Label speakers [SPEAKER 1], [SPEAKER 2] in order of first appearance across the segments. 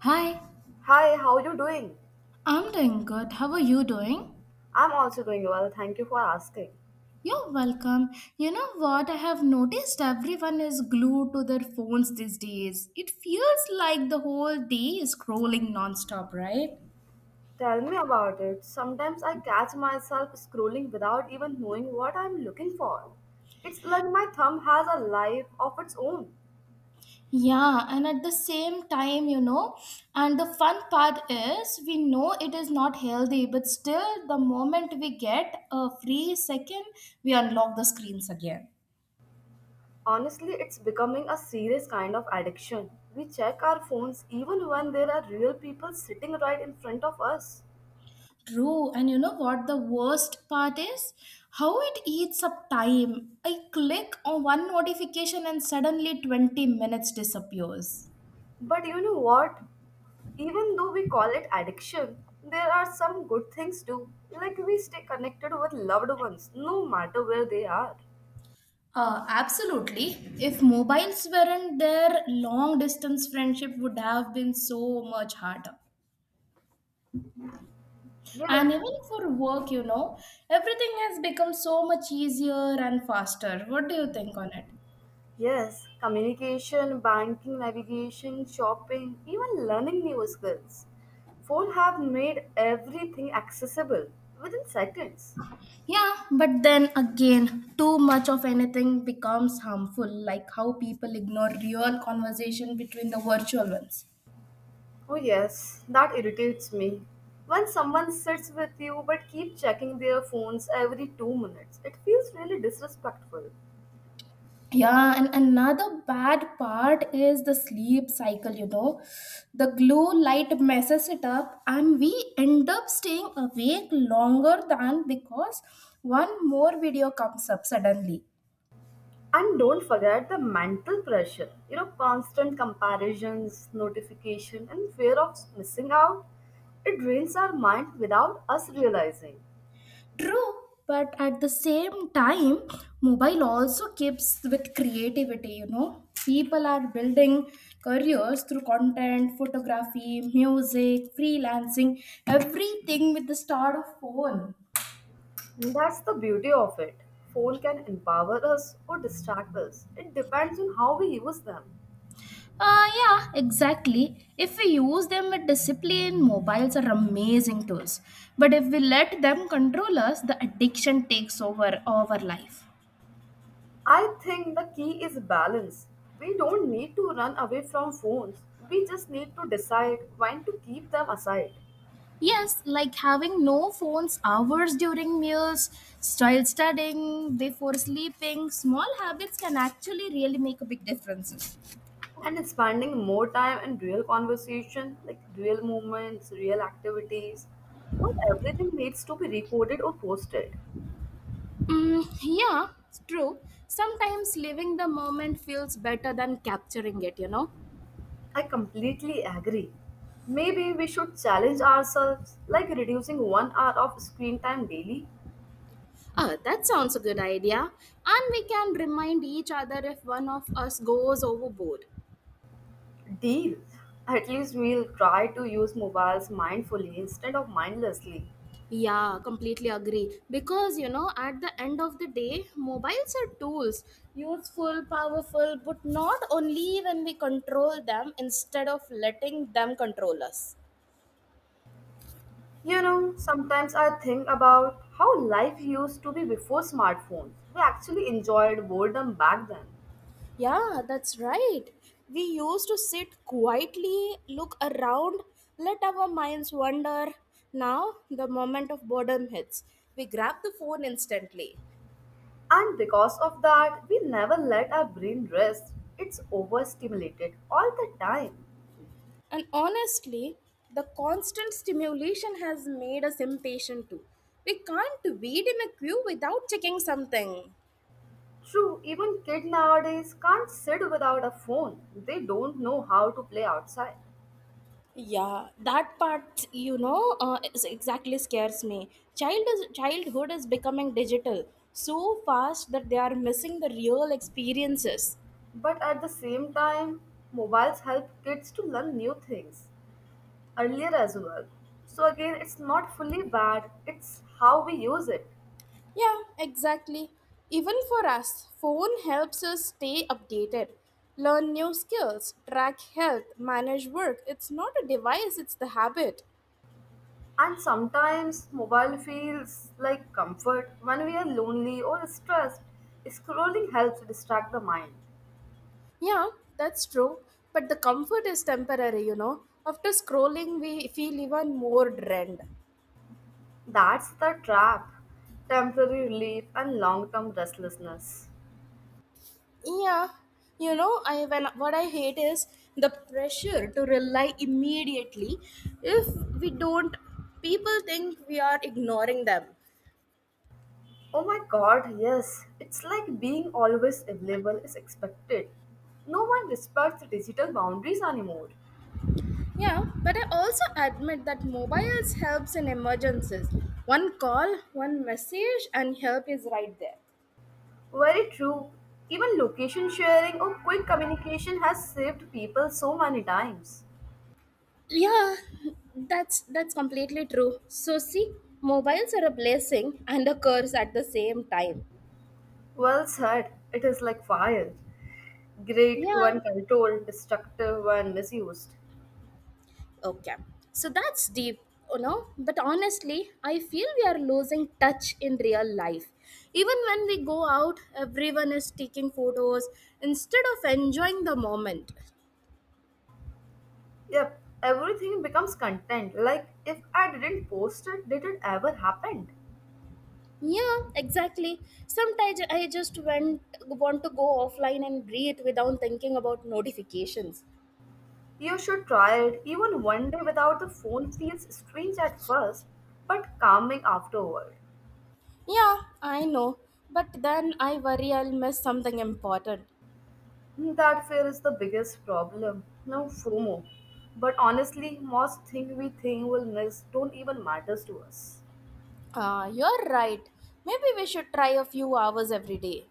[SPEAKER 1] Hi,
[SPEAKER 2] Hi, how are you doing?
[SPEAKER 1] I'm doing good. How are you doing?
[SPEAKER 2] I'm also doing well, thank you for asking.
[SPEAKER 1] You're welcome. You know what? I have noticed everyone is glued to their phones these days. It feels like the whole day is scrolling nonstop, right?
[SPEAKER 2] Tell me about it. Sometimes I catch myself scrolling without even knowing what I'm looking for. It's like my thumb has a life of its own.
[SPEAKER 1] Yeah, and at the same time, and the fun part is we know it is not healthy, but still, the moment we get a free second, we unlock the screens again.
[SPEAKER 2] Honestly, it's becoming a serious kind of addiction. We check our phones even when there are real people sitting right in front of us.
[SPEAKER 1] True, and you know what the worst part is? How it eats up time. I click on one notification and suddenly 20 minutes disappears.
[SPEAKER 2] But you know what? Even though we call it addiction, there are some good things too. Like we stay connected with loved ones, no matter where they are.
[SPEAKER 1] Absolutely. If mobiles weren't there, long distance friendship would have been so much harder.
[SPEAKER 2] Yes.
[SPEAKER 1] And even for work, everything has become so much easier and faster. What do you think on it?
[SPEAKER 2] Yes, communication, banking, navigation, shopping, even learning new skills. Phone have made everything accessible within seconds.
[SPEAKER 1] Yeah, but then again, too much of anything becomes harmful, like how people ignore real conversation between the virtual ones.
[SPEAKER 2] Oh yes, that irritates me. When someone sits with you but keep checking their phones every 2 minutes, it feels really disrespectful.
[SPEAKER 1] Yeah, and another bad part is the sleep cycle. The blue light messes it up, and we end up staying awake longer than because one more video comes up suddenly.
[SPEAKER 2] And don't forget the mental pressure. You know, constant comparisons, notification, and fear of missing out. It drains our mind without us realizing.
[SPEAKER 1] True, but at the same time, mobile also keeps with creativity. People are building careers through content, photography, music, freelancing, everything with the start of phone.
[SPEAKER 2] And that's the beauty of it. Phone can empower us or distract us. It depends on how we use them.
[SPEAKER 1] Yeah, exactly. If we use them with discipline, mobiles are amazing tools. But if we let them control us, the addiction takes over our life.
[SPEAKER 2] I think the key is balance. We don't need to run away from phones. We just need to decide when to keep them aside.
[SPEAKER 1] Yes, like having no phones hours during meals, child studying, before sleeping, small habits can actually really make a big difference.
[SPEAKER 2] And it's spending more time in real conversation, like real moments, real activities. Not everything needs to be recorded or posted.
[SPEAKER 1] Mm, yeah, it's true. Sometimes living the moment feels better than capturing it.
[SPEAKER 2] I completely agree. Maybe we should challenge ourselves, like reducing one hour of screen time daily.
[SPEAKER 1] Oh, that sounds a good idea. And we can remind each other if one of us goes overboard.
[SPEAKER 2] Deal. At least we'll try to use mobiles mindfully instead of mindlessly.
[SPEAKER 1] Yeah, completely agree. Because you know, at the end of the day, mobiles are tools, useful, powerful, but not only when we control them instead of letting them control us.
[SPEAKER 2] You know, sometimes I think about how life used to be before smartphones. We actually enjoyed boredom back then.
[SPEAKER 1] Yeah, that's right. We used to sit quietly, look around, let our minds wander. Now, the moment of boredom hits. We grab the phone instantly.
[SPEAKER 2] And because of that, we never let our brain rest. It's overstimulated all the time.
[SPEAKER 1] And honestly, the constant stimulation has made us impatient too. We can't wait in a queue without checking something.
[SPEAKER 2] True, even kids nowadays can't sit without a phone. They don't know how to play outside.
[SPEAKER 1] Yeah, that part, is exactly scares me. Childhood is becoming digital so fast that they are missing the real experiences.
[SPEAKER 2] But at the same time, mobiles help kids to learn new things earlier as well. So again, it's not fully bad, it's how we use it.
[SPEAKER 1] Yeah, exactly. Even for us, phone helps us stay updated, learn new skills, track health, manage work. It's not a device, it's the habit.
[SPEAKER 2] And sometimes mobile feels like comfort when we are lonely or stressed. Scrolling helps distract the mind.
[SPEAKER 1] Yeah, that's true. But the comfort is temporary. After scrolling, we feel even more drained.
[SPEAKER 2] That's the trap. Temporary relief and long term restlessness.
[SPEAKER 1] Yeah, I when what I hate is the pressure to rely immediately. If we don't, people think we are ignoring them.
[SPEAKER 2] Oh my god, yes. It's like being always available is expected. No one respects digital boundaries anymore.
[SPEAKER 1] Yeah, but I also admit that mobiles helps in emergencies. One call, one message, and help is right there.
[SPEAKER 2] Very true. Even location sharing or quick communication has saved people so many times.
[SPEAKER 1] Yeah, that's completely true, so see, mobiles are a blessing and a curse at the same time.
[SPEAKER 2] Well said, it is like fire. Great
[SPEAKER 1] Yeah,
[SPEAKER 2] when controlled, destructive when misused.
[SPEAKER 1] okay, so that's deep, but honestly, I feel we are losing touch in real life, even when we go out, everyone is taking photos instead of enjoying the moment.
[SPEAKER 2] Yep, everything becomes content. Like, if I didn't post it, did it ever happen?
[SPEAKER 1] Yeah, exactly. Sometimes I just went want to go offline and breathe without thinking about notifications.
[SPEAKER 2] You should try it. Even one day without the phone feels strange at first, but calming afterward.
[SPEAKER 1] Yeah, I know. But then I worry I'll miss something important.
[SPEAKER 2] Hmm, that fear is the biggest problem. No FOMO. But honestly, most things we think we'll miss don't even matters to us.
[SPEAKER 1] Ah, you're right. Maybe we should try a few hours every day.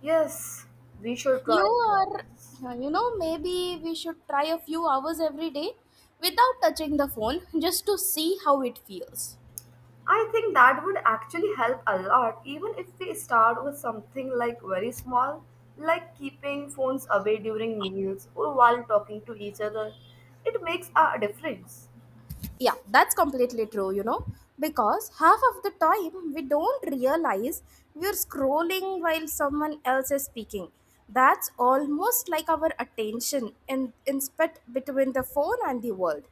[SPEAKER 2] Yes, we should
[SPEAKER 1] You
[SPEAKER 2] try it.
[SPEAKER 1] are,
[SPEAKER 2] Yes.
[SPEAKER 1] yeah, maybe we should try a few hours every day without touching the phone just to see how it feels.
[SPEAKER 2] I think that would actually help a lot, even if we start with something like very small, like keeping phones away during meals or while talking to each other. It makes a difference.
[SPEAKER 1] Yeah, that's completely true, because half of the time we don't realize we're scrolling while someone else is speaking. That's almost like our attention in split between the phone and the world.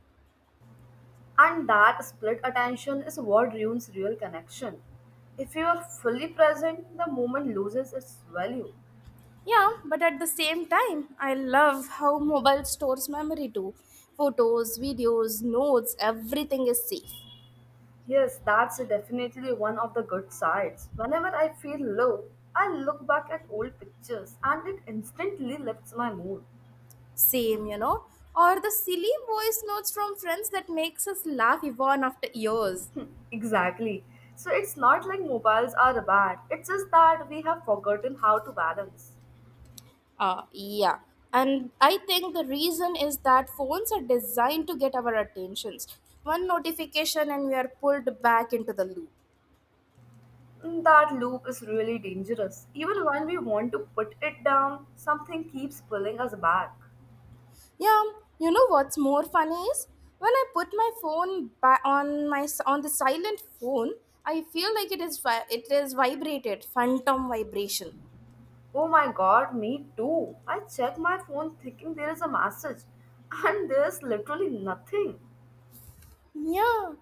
[SPEAKER 2] And that split attention is what ruins real connection. If you are fully present, the moment loses its value.
[SPEAKER 1] Yeah, but at the same time, I love how mobile stores memory too. Photos, videos, notes, everything is safe.
[SPEAKER 2] Yes, that's definitely one of the good sides. Whenever I feel low, I look back at old pictures and it instantly lifts my mood.
[SPEAKER 1] Same, or the silly voice notes from friends that makes us laugh even after years.
[SPEAKER 2] Exactly. So it's not like mobiles are bad, it's just that we have forgotten how to balance.
[SPEAKER 1] Yeah. And I think the reason is that phones are designed to get our attentions. One notification and we are pulled back into the loop.
[SPEAKER 2] Mm, that loop is really dangerous. Even when we want to put it down, something keeps pulling us back.
[SPEAKER 1] Yeah, you know what's more funny is when I put my phone on the silent phone, I feel like it is it is vibrated, phantom vibration.
[SPEAKER 2] Oh my god, me too. I check my phone thinking there is a message, and there's literally nothing.
[SPEAKER 1] Yeah,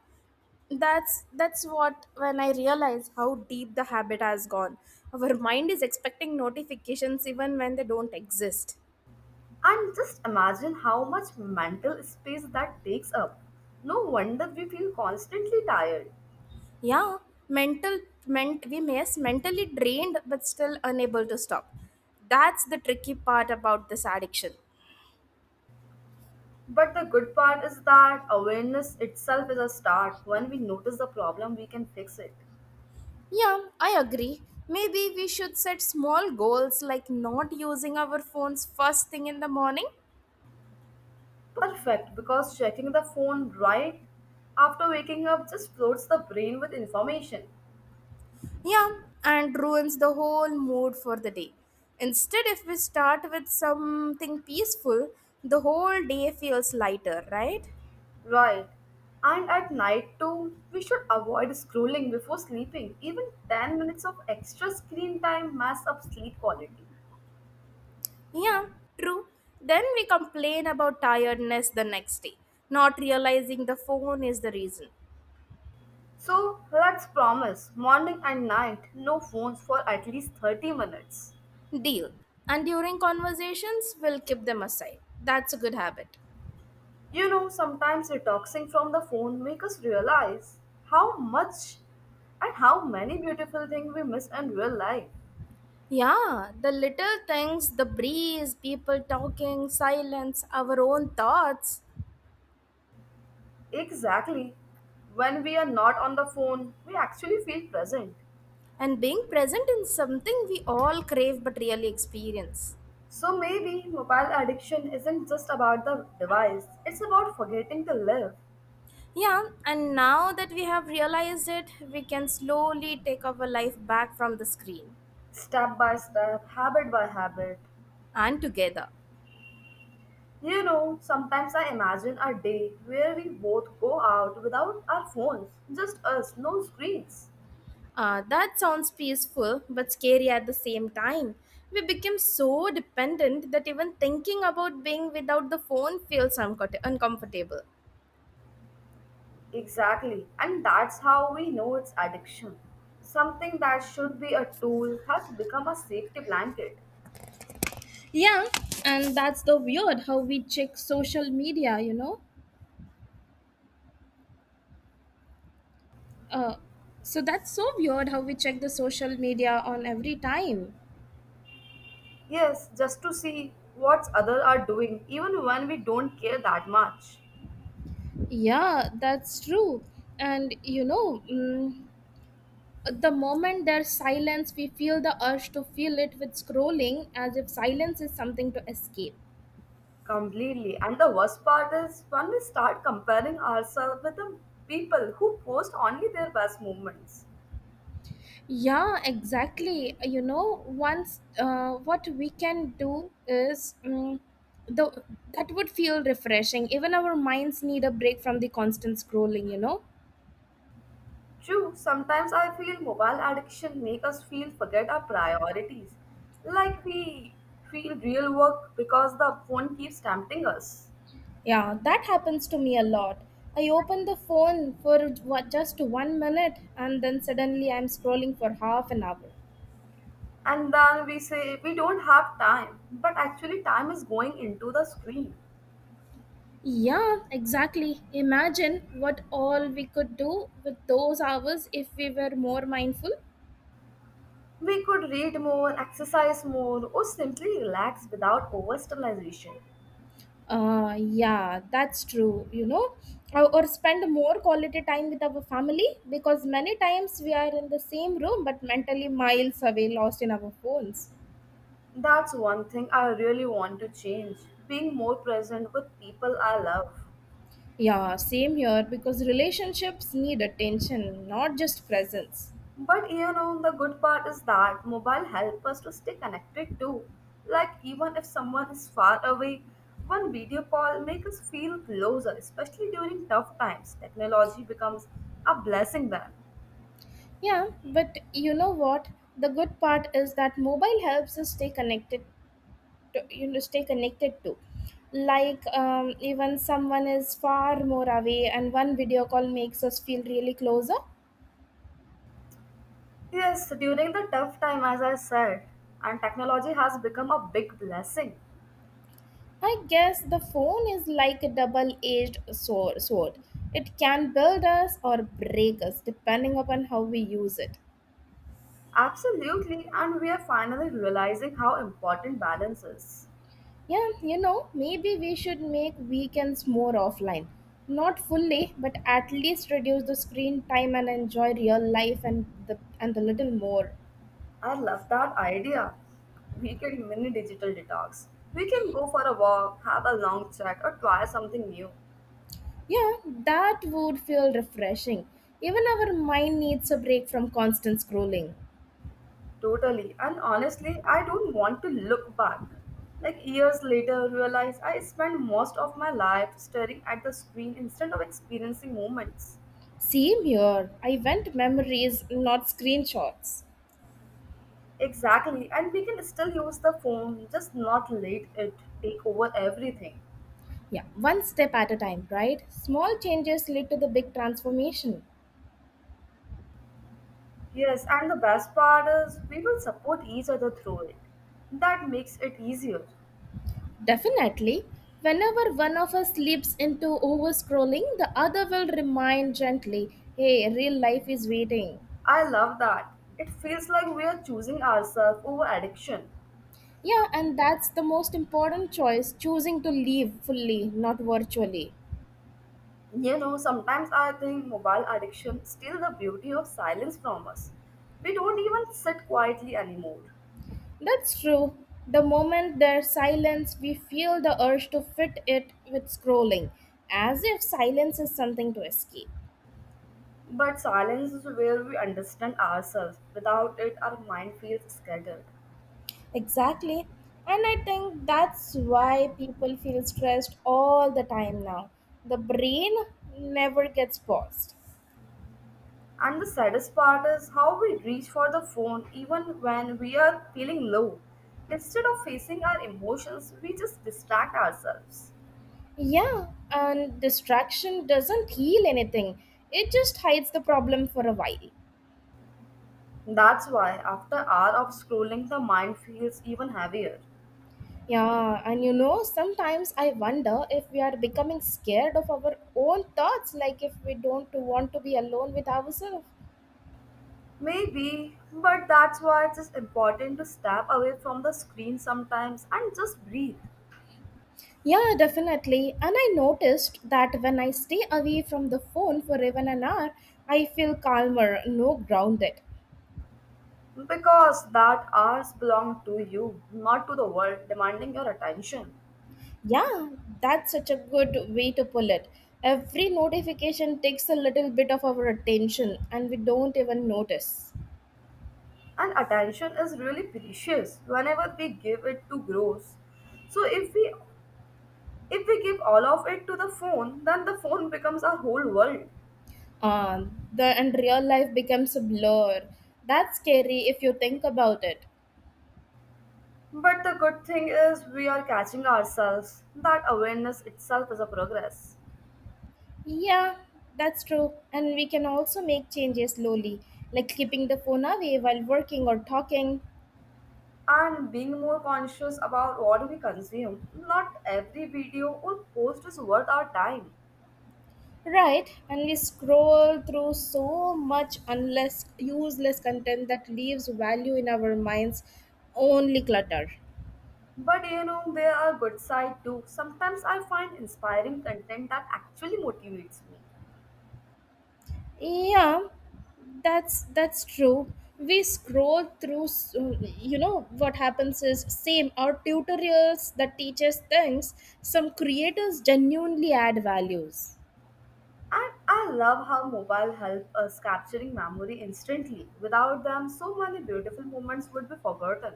[SPEAKER 1] that's what when I realize how deep the habit has gone. Our mind is expecting notifications even when they don't exist.
[SPEAKER 2] And just imagine how much mental space that takes up. No wonder we feel constantly tired.
[SPEAKER 1] Yeah, mental meant we miss mentally drained but still unable to stop. That's the tricky part about this addiction.
[SPEAKER 2] But the good part is that awareness itself is a start. When we notice the problem, we can fix it.
[SPEAKER 1] Yeah, I agree. Maybe we should set small goals like not using our phones first thing in the morning.
[SPEAKER 2] Perfect, because checking the phone right after waking up just floods the brain with information.
[SPEAKER 1] Yeah, and ruins the whole mood for the day. Instead, if we start with something peaceful, the whole day feels lighter, right?
[SPEAKER 2] Right. And at night too, we should avoid scrolling before sleeping. Even 10 minutes of extra screen time mess up sleep quality.
[SPEAKER 1] Yeah, true. Then we complain about tiredness the next day, not realizing the phone is the reason.
[SPEAKER 2] So let's promise morning and night no phones for at least 30 minutes.
[SPEAKER 1] Deal. And during conversations, we'll keep them aside. That's a good habit.
[SPEAKER 2] You know, sometimes detoxing from the phone make us realize how much and how many beautiful things we miss in real life.
[SPEAKER 1] Yeah, the little things, the breeze, people talking, silence, our own thoughts,
[SPEAKER 2] Exactly. When we are not on the phone, we actually feel present.
[SPEAKER 1] and being present in something we all crave but really experience.
[SPEAKER 2] So maybe mobile addiction isn't just about the device, it's about forgetting to live
[SPEAKER 1] Yeah, and now that we have realized it, we can slowly take our life back from the screen
[SPEAKER 2] step by step, habit by habit.
[SPEAKER 1] and together.
[SPEAKER 2] You know, sometimes I imagine a day where we both go out without our phones, just us, no screens.
[SPEAKER 1] That sounds peaceful but scary at the same time. We become so dependent that even thinking about being without the phone feels uncomfortable.
[SPEAKER 2] Exactly. And that's how we know it's addiction. Something that should be a tool has become a safety blanket.
[SPEAKER 1] Yeah, and that's the weird how we check social media. Uh, so that's so weird how we check the social media on every time.
[SPEAKER 2] Yes, just to see what others are doing, even when we don't care that much.
[SPEAKER 1] Yeah, that's true. And the moment there's silence, we feel the urge to fill it with scrolling as if silence is something to escape.
[SPEAKER 2] Completely. And the worst part is when we start comparing ourselves with the people who post only their best moments.
[SPEAKER 1] Yeah, exactly. Once what we can do is mm the that would feel refreshing. Even our minds need a break from the constant scrolling.
[SPEAKER 2] True, sometimes I feel mobile addiction make us feel forget our priorities. Like we feel real work because the phone keeps tempting us.
[SPEAKER 1] Yeah, that happens to me a lot. I open the phone for what, just 1 minute, and then suddenly I'm scrolling for half an hour.
[SPEAKER 2] And then we say we don't have time, but actually, time is going into the screen.
[SPEAKER 1] Yeah, exactly. Imagine what all we could do with those hours if we were more mindful.
[SPEAKER 2] We could read more, exercise more, or simply relax without overstimulation.
[SPEAKER 1] Yeah, that's true, or spend more quality time with our family because many times we are in the same room but mentally miles away, lost in our phones.
[SPEAKER 2] That's one thing I really want to change, being more present with people I love.
[SPEAKER 1] Yeah, same here because relationships need attention, not just presence.
[SPEAKER 2] But you know, the good part is that mobile help us to stay connected too. Like, even if someone is far away, one video call makes us feel closer, especially during tough times. Technology becomes a blessing then.
[SPEAKER 1] Yeah, but you know what? The good part is that mobile helps us stay connected to, stay connected to. Like even someone is far more away and one video call makes us feel really closer.
[SPEAKER 2] Yes, during the tough time, as I said, and technology has become a big blessing.
[SPEAKER 1] I guess the phone is like a double edged sword. It can build us or break us depending upon how we use it.
[SPEAKER 2] Absolutely, and we are finally realizing how important balance is.
[SPEAKER 1] Yeah, maybe we should make weekends more offline. Not fully, but at least reduce the screen time and enjoy real life and the little more.
[SPEAKER 2] I love that idea. We can mini digital detox. We can go for a walk, have a long chat, or try something new.
[SPEAKER 1] Yeah, that would feel refreshing. Even our mind needs a break from constant scrolling.
[SPEAKER 2] Totally, and honestly, I don't want to look back. Like years later, realize I spent most of my life staring at the screen instead of experiencing moments.
[SPEAKER 1] Same here. I went memories, not screenshots.
[SPEAKER 2] Exactly, and we can still use the phone, just not let it take over everything.
[SPEAKER 1] Yeah, one step at a time, right? Small changes lead to the big transformation.
[SPEAKER 2] Yes, and the best part is we will support each other through it. That makes it easier.
[SPEAKER 1] Definitely. Whenever one of us slips into over scrolling, the other will remind gently, hey, real life is waiting.
[SPEAKER 2] I love that. It feels like we are choosing ourselves over addiction.
[SPEAKER 1] Yeah, and that's the most important choice choosing to live fully, not virtually.
[SPEAKER 2] You know, sometimes I think mobile addiction steals the beauty of silence from us. We don't even sit quietly anymore.
[SPEAKER 1] That's true. The moment there's silence, we feel the urge to fit it with scrolling, as if silence is something to escape.
[SPEAKER 2] But silence is where we understand ourselves. Without it, our mind feels scattered.
[SPEAKER 1] Exactly. And I think that's why people feel stressed all the time now. The brain never gets paused.
[SPEAKER 2] And the saddest part is how we reach for the phone even when we are feeling low. Instead of facing our emotions, we just distract ourselves.
[SPEAKER 1] Yeah, and distraction doesn't heal anything, it just hides the problem for a while.
[SPEAKER 2] That's why after hour of scrolling the mind feels even heavier.
[SPEAKER 1] Yeah, and sometimes I wonder if we are becoming scared of our own thoughts, like if we don't want to be alone with ourselves.
[SPEAKER 2] Maybe, but that's why it is important to step away from the screen sometimes and just breathe.
[SPEAKER 1] Yeah, definitely. And I noticed that when I stay away from the phone for even an hour, I feel calmer, no grounded.
[SPEAKER 2] Because that hours belong to you, not to the world demanding your attention.
[SPEAKER 1] Yeah, that's such a good way to pull it. Every notification takes a little bit of our attention and we don't even notice.
[SPEAKER 2] And attention is really precious whenever we give it to gross. So if we give all of it to the phone, then the phone becomes our whole world.
[SPEAKER 1] The and real life becomes a blur. That's scary if you think about it.
[SPEAKER 2] But the good thing is we are catching ourselves. That awareness itself is a progress.
[SPEAKER 1] Yeah, that's true. And we can also make changes slowly, like keeping the phone away while working or talking.
[SPEAKER 2] And being more conscious about what we consume. Not every video or post is worth our time.
[SPEAKER 1] Right, and we scroll through so much unless useless content that leaves value in our minds only clutter.
[SPEAKER 2] But you know, there are good side too. Sometimes I find inspiring content that actually motivates me.
[SPEAKER 1] Yeah, that's true. We scroll through you know what happens is same our tutorials that teaches things some creators genuinely add values.
[SPEAKER 2] And I love how mobile help us capturing memory instantly. Without them, so many beautiful moments would be forgotten.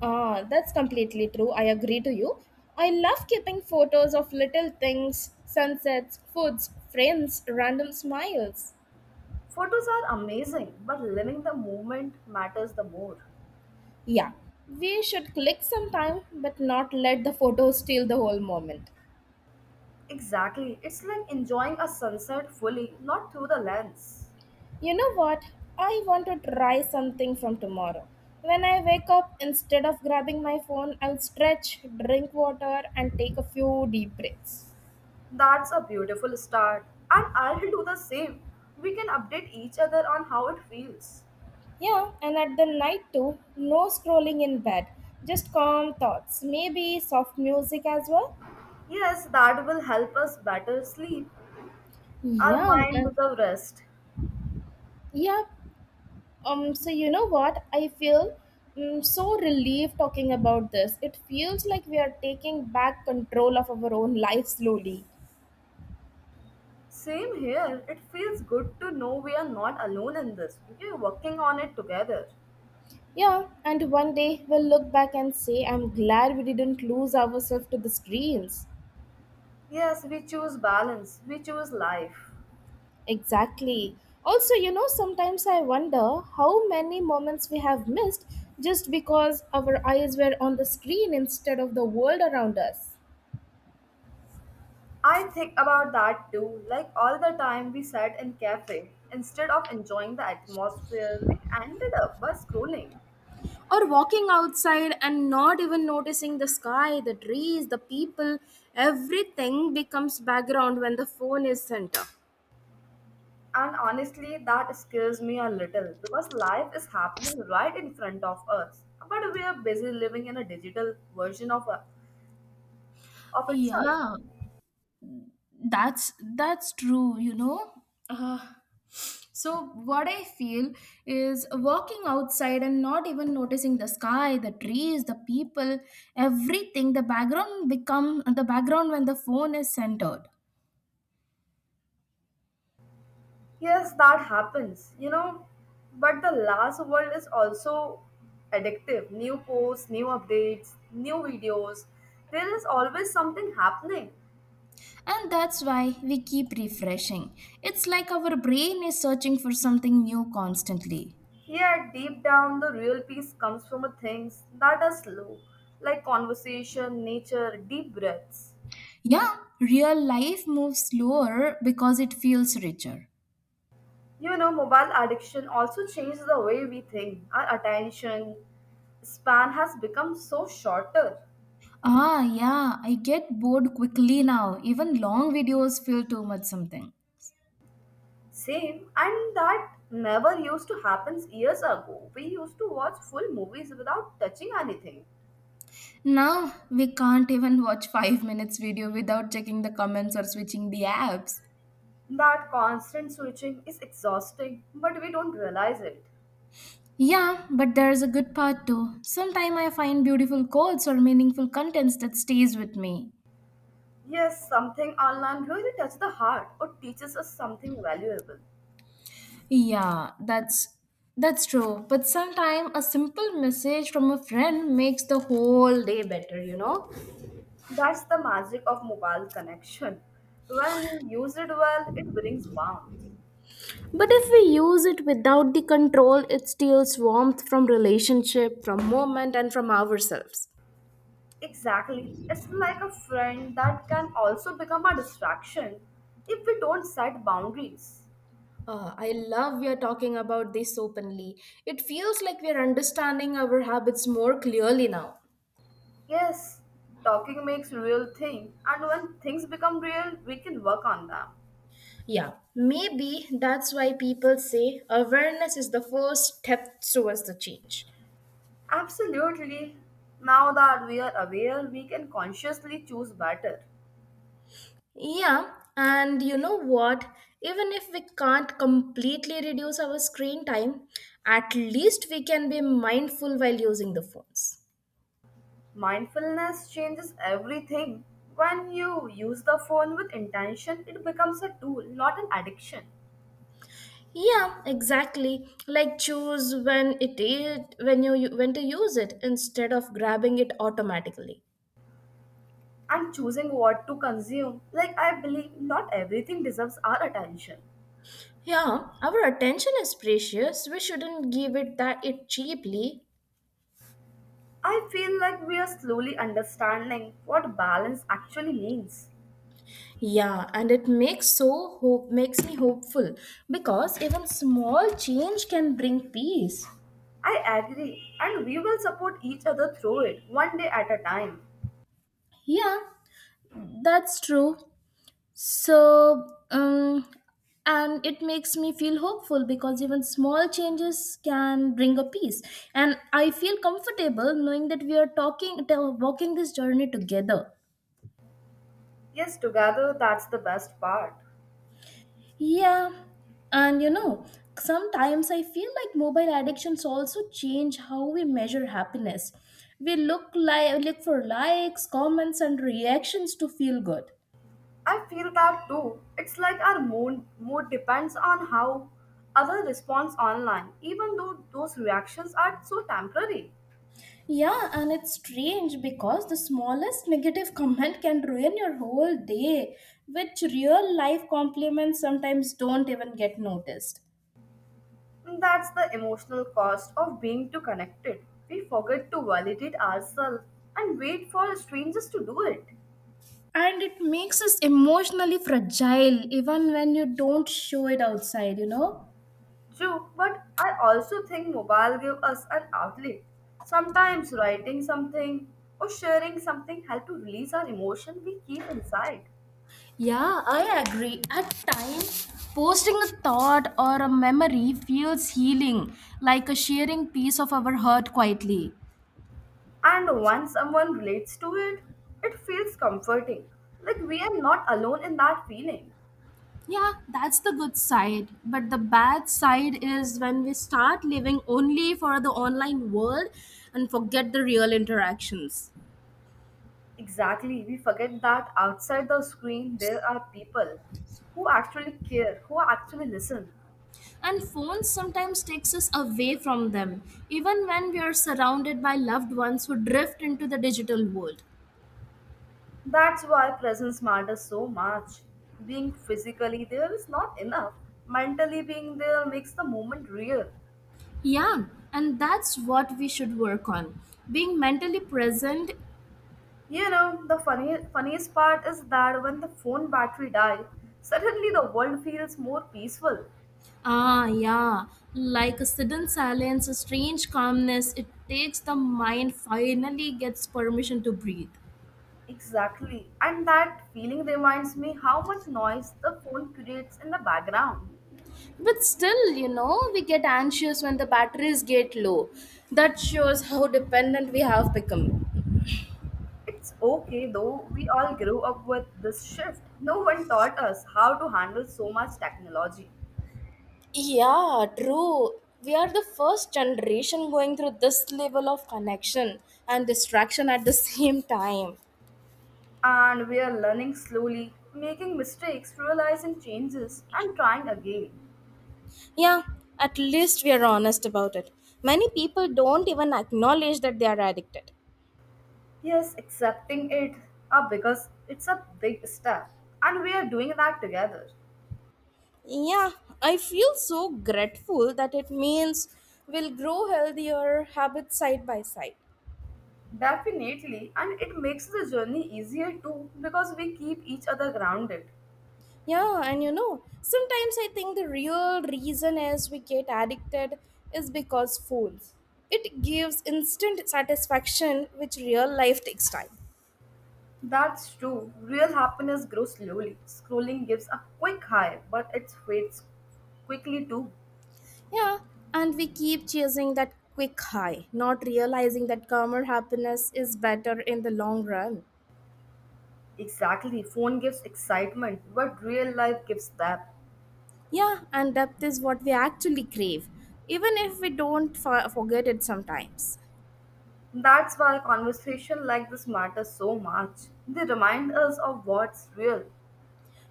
[SPEAKER 1] Ah, that's completely true. I agree to you. I love keeping photos of little things, sunsets, foods, friends, random smiles.
[SPEAKER 2] Photos are amazing, but living the moment matters the more.
[SPEAKER 1] Yeah, we should click sometime, but not let the photos steal the whole moment.
[SPEAKER 2] Exactly, it's like enjoying a sunset fully, not through the lens.
[SPEAKER 1] You know what? I want to try something from tomorrow. When I wake up, instead of grabbing my phone, I'll stretch, drink water, and take a few deep breaths.
[SPEAKER 2] That's a beautiful start, and I'll do the same. We can update each other on how it feels.
[SPEAKER 1] Yeah, and at the night too, no scrolling in bed, just calm thoughts, maybe soft music as well.
[SPEAKER 2] Yes, that will help us better sleep. Our
[SPEAKER 1] Yeah,
[SPEAKER 2] mind deserves rest.
[SPEAKER 1] yeah. So you know what? I feel so relieved talking about this. It feels like we are taking back control of our own life slowly.
[SPEAKER 2] Same here. It feels good to know we are not alone in this. We are working on it together.
[SPEAKER 1] Yeah, and one day we'll look back and say, I'm glad we didn't lose ourselves to the screens.
[SPEAKER 2] Yes, we choose balance. We choose life.
[SPEAKER 1] Exactly. Also, sometimes I wonder how many moments we have missed just because our eyes were on the screen instead of the world around us.
[SPEAKER 2] I think about that too. Like all the time we sat in cafe, instead of enjoying the atmosphere, we ended up by scrolling.
[SPEAKER 1] Or walking outside and not even noticing the sky, the trees, the people, everything becomes background when the phone is center.
[SPEAKER 2] And honestly, that scares me a little because life is happening right in front of us. But we are busy living in a digital version of
[SPEAKER 1] Yeah,
[SPEAKER 2] itself.
[SPEAKER 1] that's true. Uh, so what I feel is walking outside and not even noticing the sky, the trees, the people, everything. The background become the background when the phone is centered.
[SPEAKER 2] Yes, that happens, you know. But the last world is also addictive. New posts, new updates, new videos. There is always something happening.
[SPEAKER 1] And that's why we keep refreshing. It's like our brain is searching for something new constantly.
[SPEAKER 2] Yet deep down, the real peace comes from things that are slow, like conversation, nature, deep breaths.
[SPEAKER 1] Yeah, real life moves slower because it feels richer.
[SPEAKER 2] You know, mobile addiction also changes the way we think. Our attention span has become so shorter.
[SPEAKER 1] Yeah, I get bored quickly now. Even long videos feel too much something.
[SPEAKER 2] Same, and that never used to happen years ago. We used to watch full movies without touching anything.
[SPEAKER 1] Now, we can't even watch 5 minutes video without checking the comments or switching the apps.
[SPEAKER 2] That constant switching is exhausting, but we don't realize it.
[SPEAKER 1] Yeah, but there's a good part too. Sometime I find beautiful quotes or meaningful contents that stays with me.
[SPEAKER 2] Yes, something online really touches the heart or teaches us something valuable.
[SPEAKER 1] Yeah, that's true. But sometime a simple message from a friend makes the whole day better, you know?
[SPEAKER 2] That's the magic of mobile connection. When used well, it brings warmth.
[SPEAKER 1] But if we use it without the control, it steals warmth from relationship, from moment, and from ourselves.
[SPEAKER 2] Exactly. It's like a friend that can also become a distraction if we don't set boundaries.
[SPEAKER 1] I love we are talking about this openly. It feels like we are understanding our habits more clearly now.
[SPEAKER 2] Yes, talking makes real thing, and when things become real, we can work on them.
[SPEAKER 1] Yeah, maybe that's why people say awareness is the first step towards the change.
[SPEAKER 2] Absolutely. Now that we are aware, we can consciously choose better.
[SPEAKER 1] Yeah, and you know what? Even if we can't completely reduce our screen time, at least we can be mindful while using the phones.
[SPEAKER 2] Mindfulness changes everything. When you use the phone with intention, it becomes a tool, not an addiction.
[SPEAKER 1] Yeah, exactly. Like choose when it is when you- when to use it instead of grabbing it automatically.
[SPEAKER 2] And choosing what to consume, like I believe not everything deserves our attention.
[SPEAKER 1] Yeah, our attention is precious. We shouldn't give it that it cheaply.
[SPEAKER 2] I feel like we are slowly understanding what balance actually means.
[SPEAKER 1] Yeah, and it makes so hope makes me hopeful because even small change can bring peace.
[SPEAKER 2] I agree, and we will support each other through it, one day at a time.
[SPEAKER 1] Yeah, that's true. So, um, and it makes me feel hopeful because even small changes can bring a peace. And I feel comfortable knowing that we are walking this journey together.
[SPEAKER 2] Yes, together that's the best part.
[SPEAKER 1] Yeah, and you know, sometimes I feel like mobile addictions also change how we measure happiness. We look for likes, comments, and reactions to feel good.
[SPEAKER 2] I feel that too. It's like our mood depends on how other responds online, even though those reactions are so temporary.
[SPEAKER 1] Yeah, and it's strange because the smallest negative comment can ruin your whole day, which real life compliments sometimes don't even get noticed.
[SPEAKER 2] That's the emotional cost of being too connected. We forget to validate ourselves and wait for strangers to do it.
[SPEAKER 1] And it makes us emotionally fragile even when you don't show it outside, you know?
[SPEAKER 2] True, but I also think mobile give us an outlet. Sometimes writing something or sharing something help to release our emotion we keep inside.
[SPEAKER 1] Yeah, I agree. At times, posting a thought or a memory feels healing, like a sharing piece of our hurt quietly.
[SPEAKER 2] And once someone relates to it, it feels comforting. Like we are not alone in that feeling.
[SPEAKER 1] Yeah, that's the good side. But the bad side is when we start living only for the online world and forget the real interactions.
[SPEAKER 2] Exactly, we forget that outside the screen there are people who actually care, who actually listen.
[SPEAKER 1] And phones sometimes takes us away from them, even when we are surrounded by loved ones who drift into the digital world.
[SPEAKER 2] That's why presence matters so much. Being physically there is not enough. Mentally being there makes the moment real.
[SPEAKER 1] Yeah, and that's what we should work on. Being mentally present.
[SPEAKER 2] You know, the funniest part is that when the phone battery dies, suddenly the world feels more peaceful.
[SPEAKER 1] Yeah. Like a sudden silence, a strange calmness, it takes the mind finally gets permission to breathe.
[SPEAKER 2] Exactly. And that feeling reminds me how much noise the phone creates in the background.
[SPEAKER 1] But still, we get anxious when the batteries get low. That shows how dependent we have become.
[SPEAKER 2] It's okay though, we all grew up with this shift. No one taught us how to handle so much technology.
[SPEAKER 1] Yeah, true. We are the first generation going through this level of connection and distraction at the same time.
[SPEAKER 2] And we are learning slowly, making mistakes, realizing changes, and trying again.
[SPEAKER 1] Yeah, at least we are honest about it. Many people don't even acknowledge that they are addicted.
[SPEAKER 2] Yes, accepting it, because it's a big step, and we are doing that together.
[SPEAKER 1] Yeah, I feel so grateful that it means we'll grow healthier habits side by side.
[SPEAKER 2] Definitely, and it makes the journey easier too because we keep each other grounded.
[SPEAKER 1] Yeah, and you know, sometimes I think the real reason as we get addicted is because phones. It gives instant satisfaction, which real life takes time.
[SPEAKER 2] That's true. Real happiness grows slowly. Scrolling gives a quick high, but it fades quickly too.
[SPEAKER 1] Yeah, and we keep chasing that quick high, not realizing that calmer happiness is better in the long run.
[SPEAKER 2] Exactly. Phone gives excitement, but real life gives depth.
[SPEAKER 1] Yeah, and depth is what we actually crave, even if we don't forget it sometimes.
[SPEAKER 2] That's why conversation like this matter so much. They remind us of what's real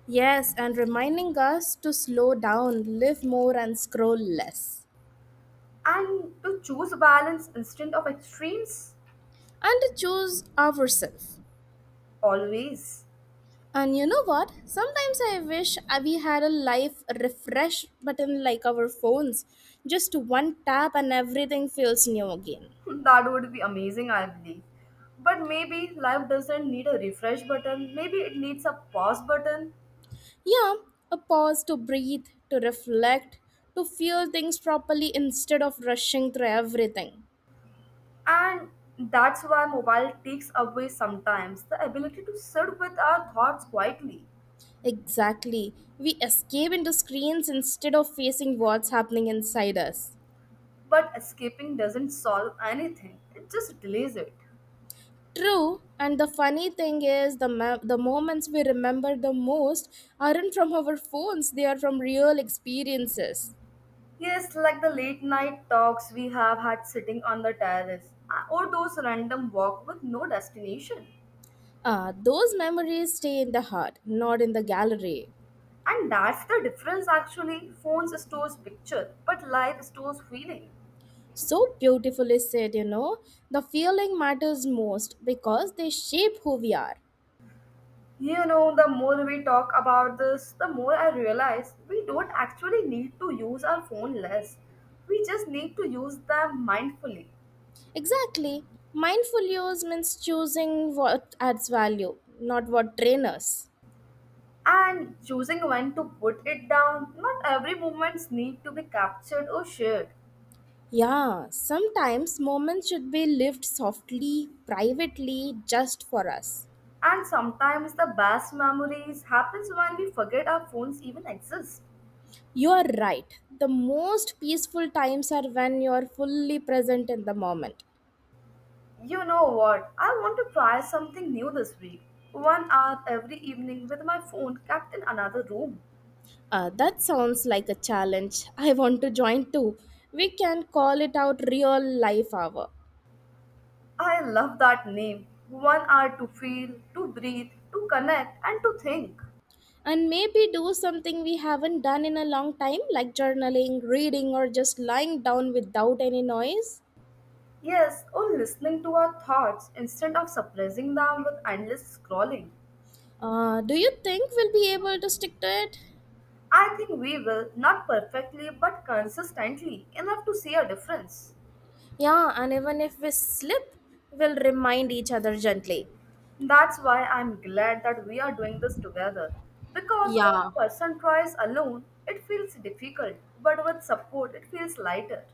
[SPEAKER 1] Yes, and reminding us to slow down, live more, and scroll less.
[SPEAKER 2] and to choose balance instead of extremes
[SPEAKER 1] And choose ourselves.
[SPEAKER 2] always.
[SPEAKER 1] And you know what? Sometimes I wish we had a life refresh button like our phones. Just one tap and everything feels new again.
[SPEAKER 2] That would be amazing, I believe. But maybe life doesn't need a refresh button, maybe it needs a pause button,
[SPEAKER 1] Yeah, a pause to breathe, to reflect, to feel things properly instead of rushing through everything.
[SPEAKER 2] and that's why mobile takes away sometimes the ability to sit with our thoughts quietly.
[SPEAKER 1] Exactly. We escape into screens instead of facing what's happening inside us.
[SPEAKER 2] But escaping doesn't solve anything, it just delays it.
[SPEAKER 1] True, and the funny thing is, the moments we remember the most aren't from our phones; they are from real experiences.
[SPEAKER 2] Yes, like the late night talks we have had sitting on the terrace, or those random walk with no destination.
[SPEAKER 1] Those memories stay in the heart, not in the gallery.
[SPEAKER 2] And that's the difference actually. Phones stores picture, but life stores feeling.
[SPEAKER 1] So beautifully said. The feeling matters most because they shape who we are.
[SPEAKER 2] You know, the more we talk about this, the more I realize we don't actually need to use our phone less. We just need to use them mindfully
[SPEAKER 1] Exactly. Mindful use means choosing what adds value, not what drains us.
[SPEAKER 2] and choosing when to put it down. Not every moments need to be captured or shared.
[SPEAKER 1] Yeah, sometimes moments should be lived softly, privately, just for us.
[SPEAKER 2] And sometimes the best memories happens when we forget our phones even exist.
[SPEAKER 1] You are right. The most peaceful times are when you are fully present in the moment.
[SPEAKER 2] You know what? I want to try something new this week. 1 hour every evening with my phone kept in another room.
[SPEAKER 1] That sounds like a challenge. I want to join too. We can call it out real life hour.
[SPEAKER 2] I love that name. 1 hour to feel, to breathe, to connect, and to think.
[SPEAKER 1] And maybe do something we haven't done in a long time, like journaling, reading, or just lying down without any noise.
[SPEAKER 2] Yes, or listening to our thoughts instead of suppressing them with endless scrolling.
[SPEAKER 1] Do you think we'll be able to stick to it?
[SPEAKER 2] I think we will, not perfectly but consistently, enough to see a difference.
[SPEAKER 1] Yeah, and even if we slip, we'll remind each other gently.
[SPEAKER 2] That's why I'm glad that we are doing this together. Because when
[SPEAKER 1] Yeah,
[SPEAKER 2] a person tries alone, it feels difficult, but with support, it feels lighter.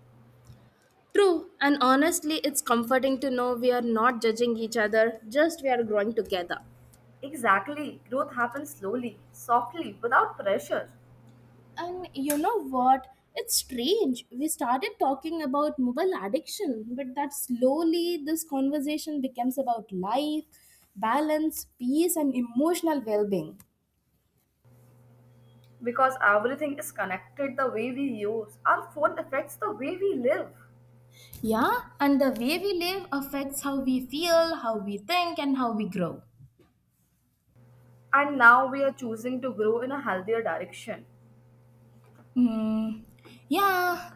[SPEAKER 1] true. And honestly, it's comforting to know we are not judging each other, just we are growing together.
[SPEAKER 2] Exactly, growth happens slowly, softly, without pressure.
[SPEAKER 1] And you know what? It's strange. We started talking about mobile addiction, but that slowly this conversation becomes about life, balance, peace, and emotional well being.
[SPEAKER 2] Because everything is connected, the way we use our phone affects the way we live.
[SPEAKER 1] Yeah, and the way we live affects how we feel, how we think, and how we grow.
[SPEAKER 2] And now we are choosing to grow in a healthier direction.
[SPEAKER 1] Mm, yeah,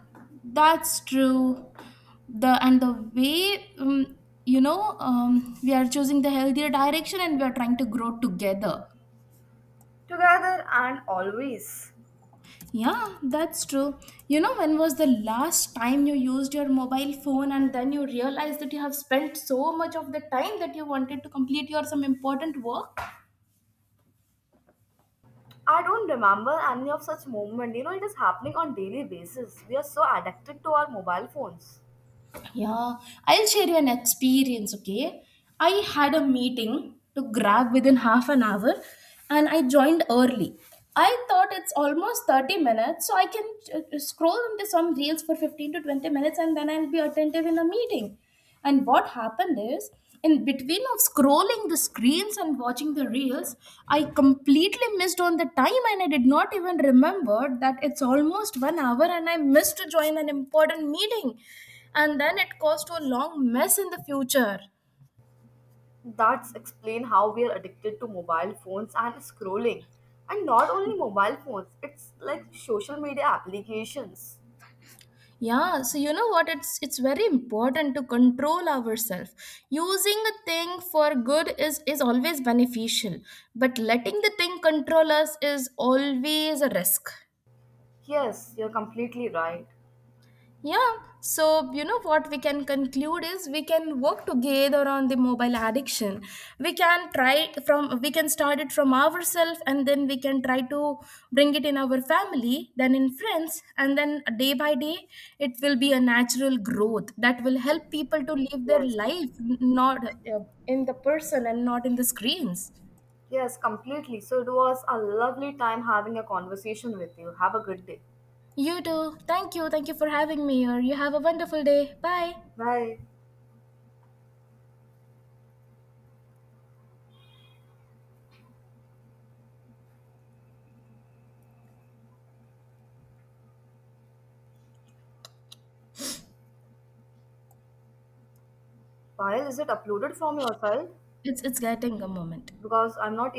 [SPEAKER 1] that's true. The and the way we are choosing the healthier direction and we are trying to grow together.
[SPEAKER 2] Together and always.
[SPEAKER 1] Yeah, that's true. When was the last time you used your mobile phone and then you realized that you have spent so much of the time that you wanted to complete your some important work?
[SPEAKER 2] I don't remember any of such moment. You know, it is happening on daily basis. We are so addicted to our mobile phones.
[SPEAKER 1] Yeah, I'll share you an experience, okay? I had a meeting to grab within half an hour and I joined early. I thought it's almost 30 minutes, so I can scroll into some reels for 15 to 20 minutes and then I'll be attentive in the meeting. And what happened is, in between of scrolling the screens and watching the reels, I completely missed on the time and I did not even remember that it's almost one hour and I missed to join an important meeting. And then it caused to a long mess in the future.
[SPEAKER 2] That's explain how we are addicted to mobile phones and scrolling. And not only mobile phones, it's like social media applications.
[SPEAKER 1] Yeah, so you know what? It's very important to control ourselves. Using a thing for good is always beneficial, but letting the thing control us is always a risk.
[SPEAKER 2] Yes, you're completely right.
[SPEAKER 1] Yeah, so you know what we can conclude is we can work together on the mobile addiction. We can start it from ourselves and then we can try to bring it in our family, then in friends, and then day by day it will be a natural growth that will help people to live their
[SPEAKER 2] Yes.
[SPEAKER 1] life not in the person and not in the screens.
[SPEAKER 2] Yes, completely. So it was a lovely time having a conversation with you. Have a good day.
[SPEAKER 1] You too. Thank you. Thank you for having me here. You have a wonderful day. Bye.
[SPEAKER 2] Bye. File, is it uploaded from your side?
[SPEAKER 1] It's getting a moment.
[SPEAKER 2] Because I'm not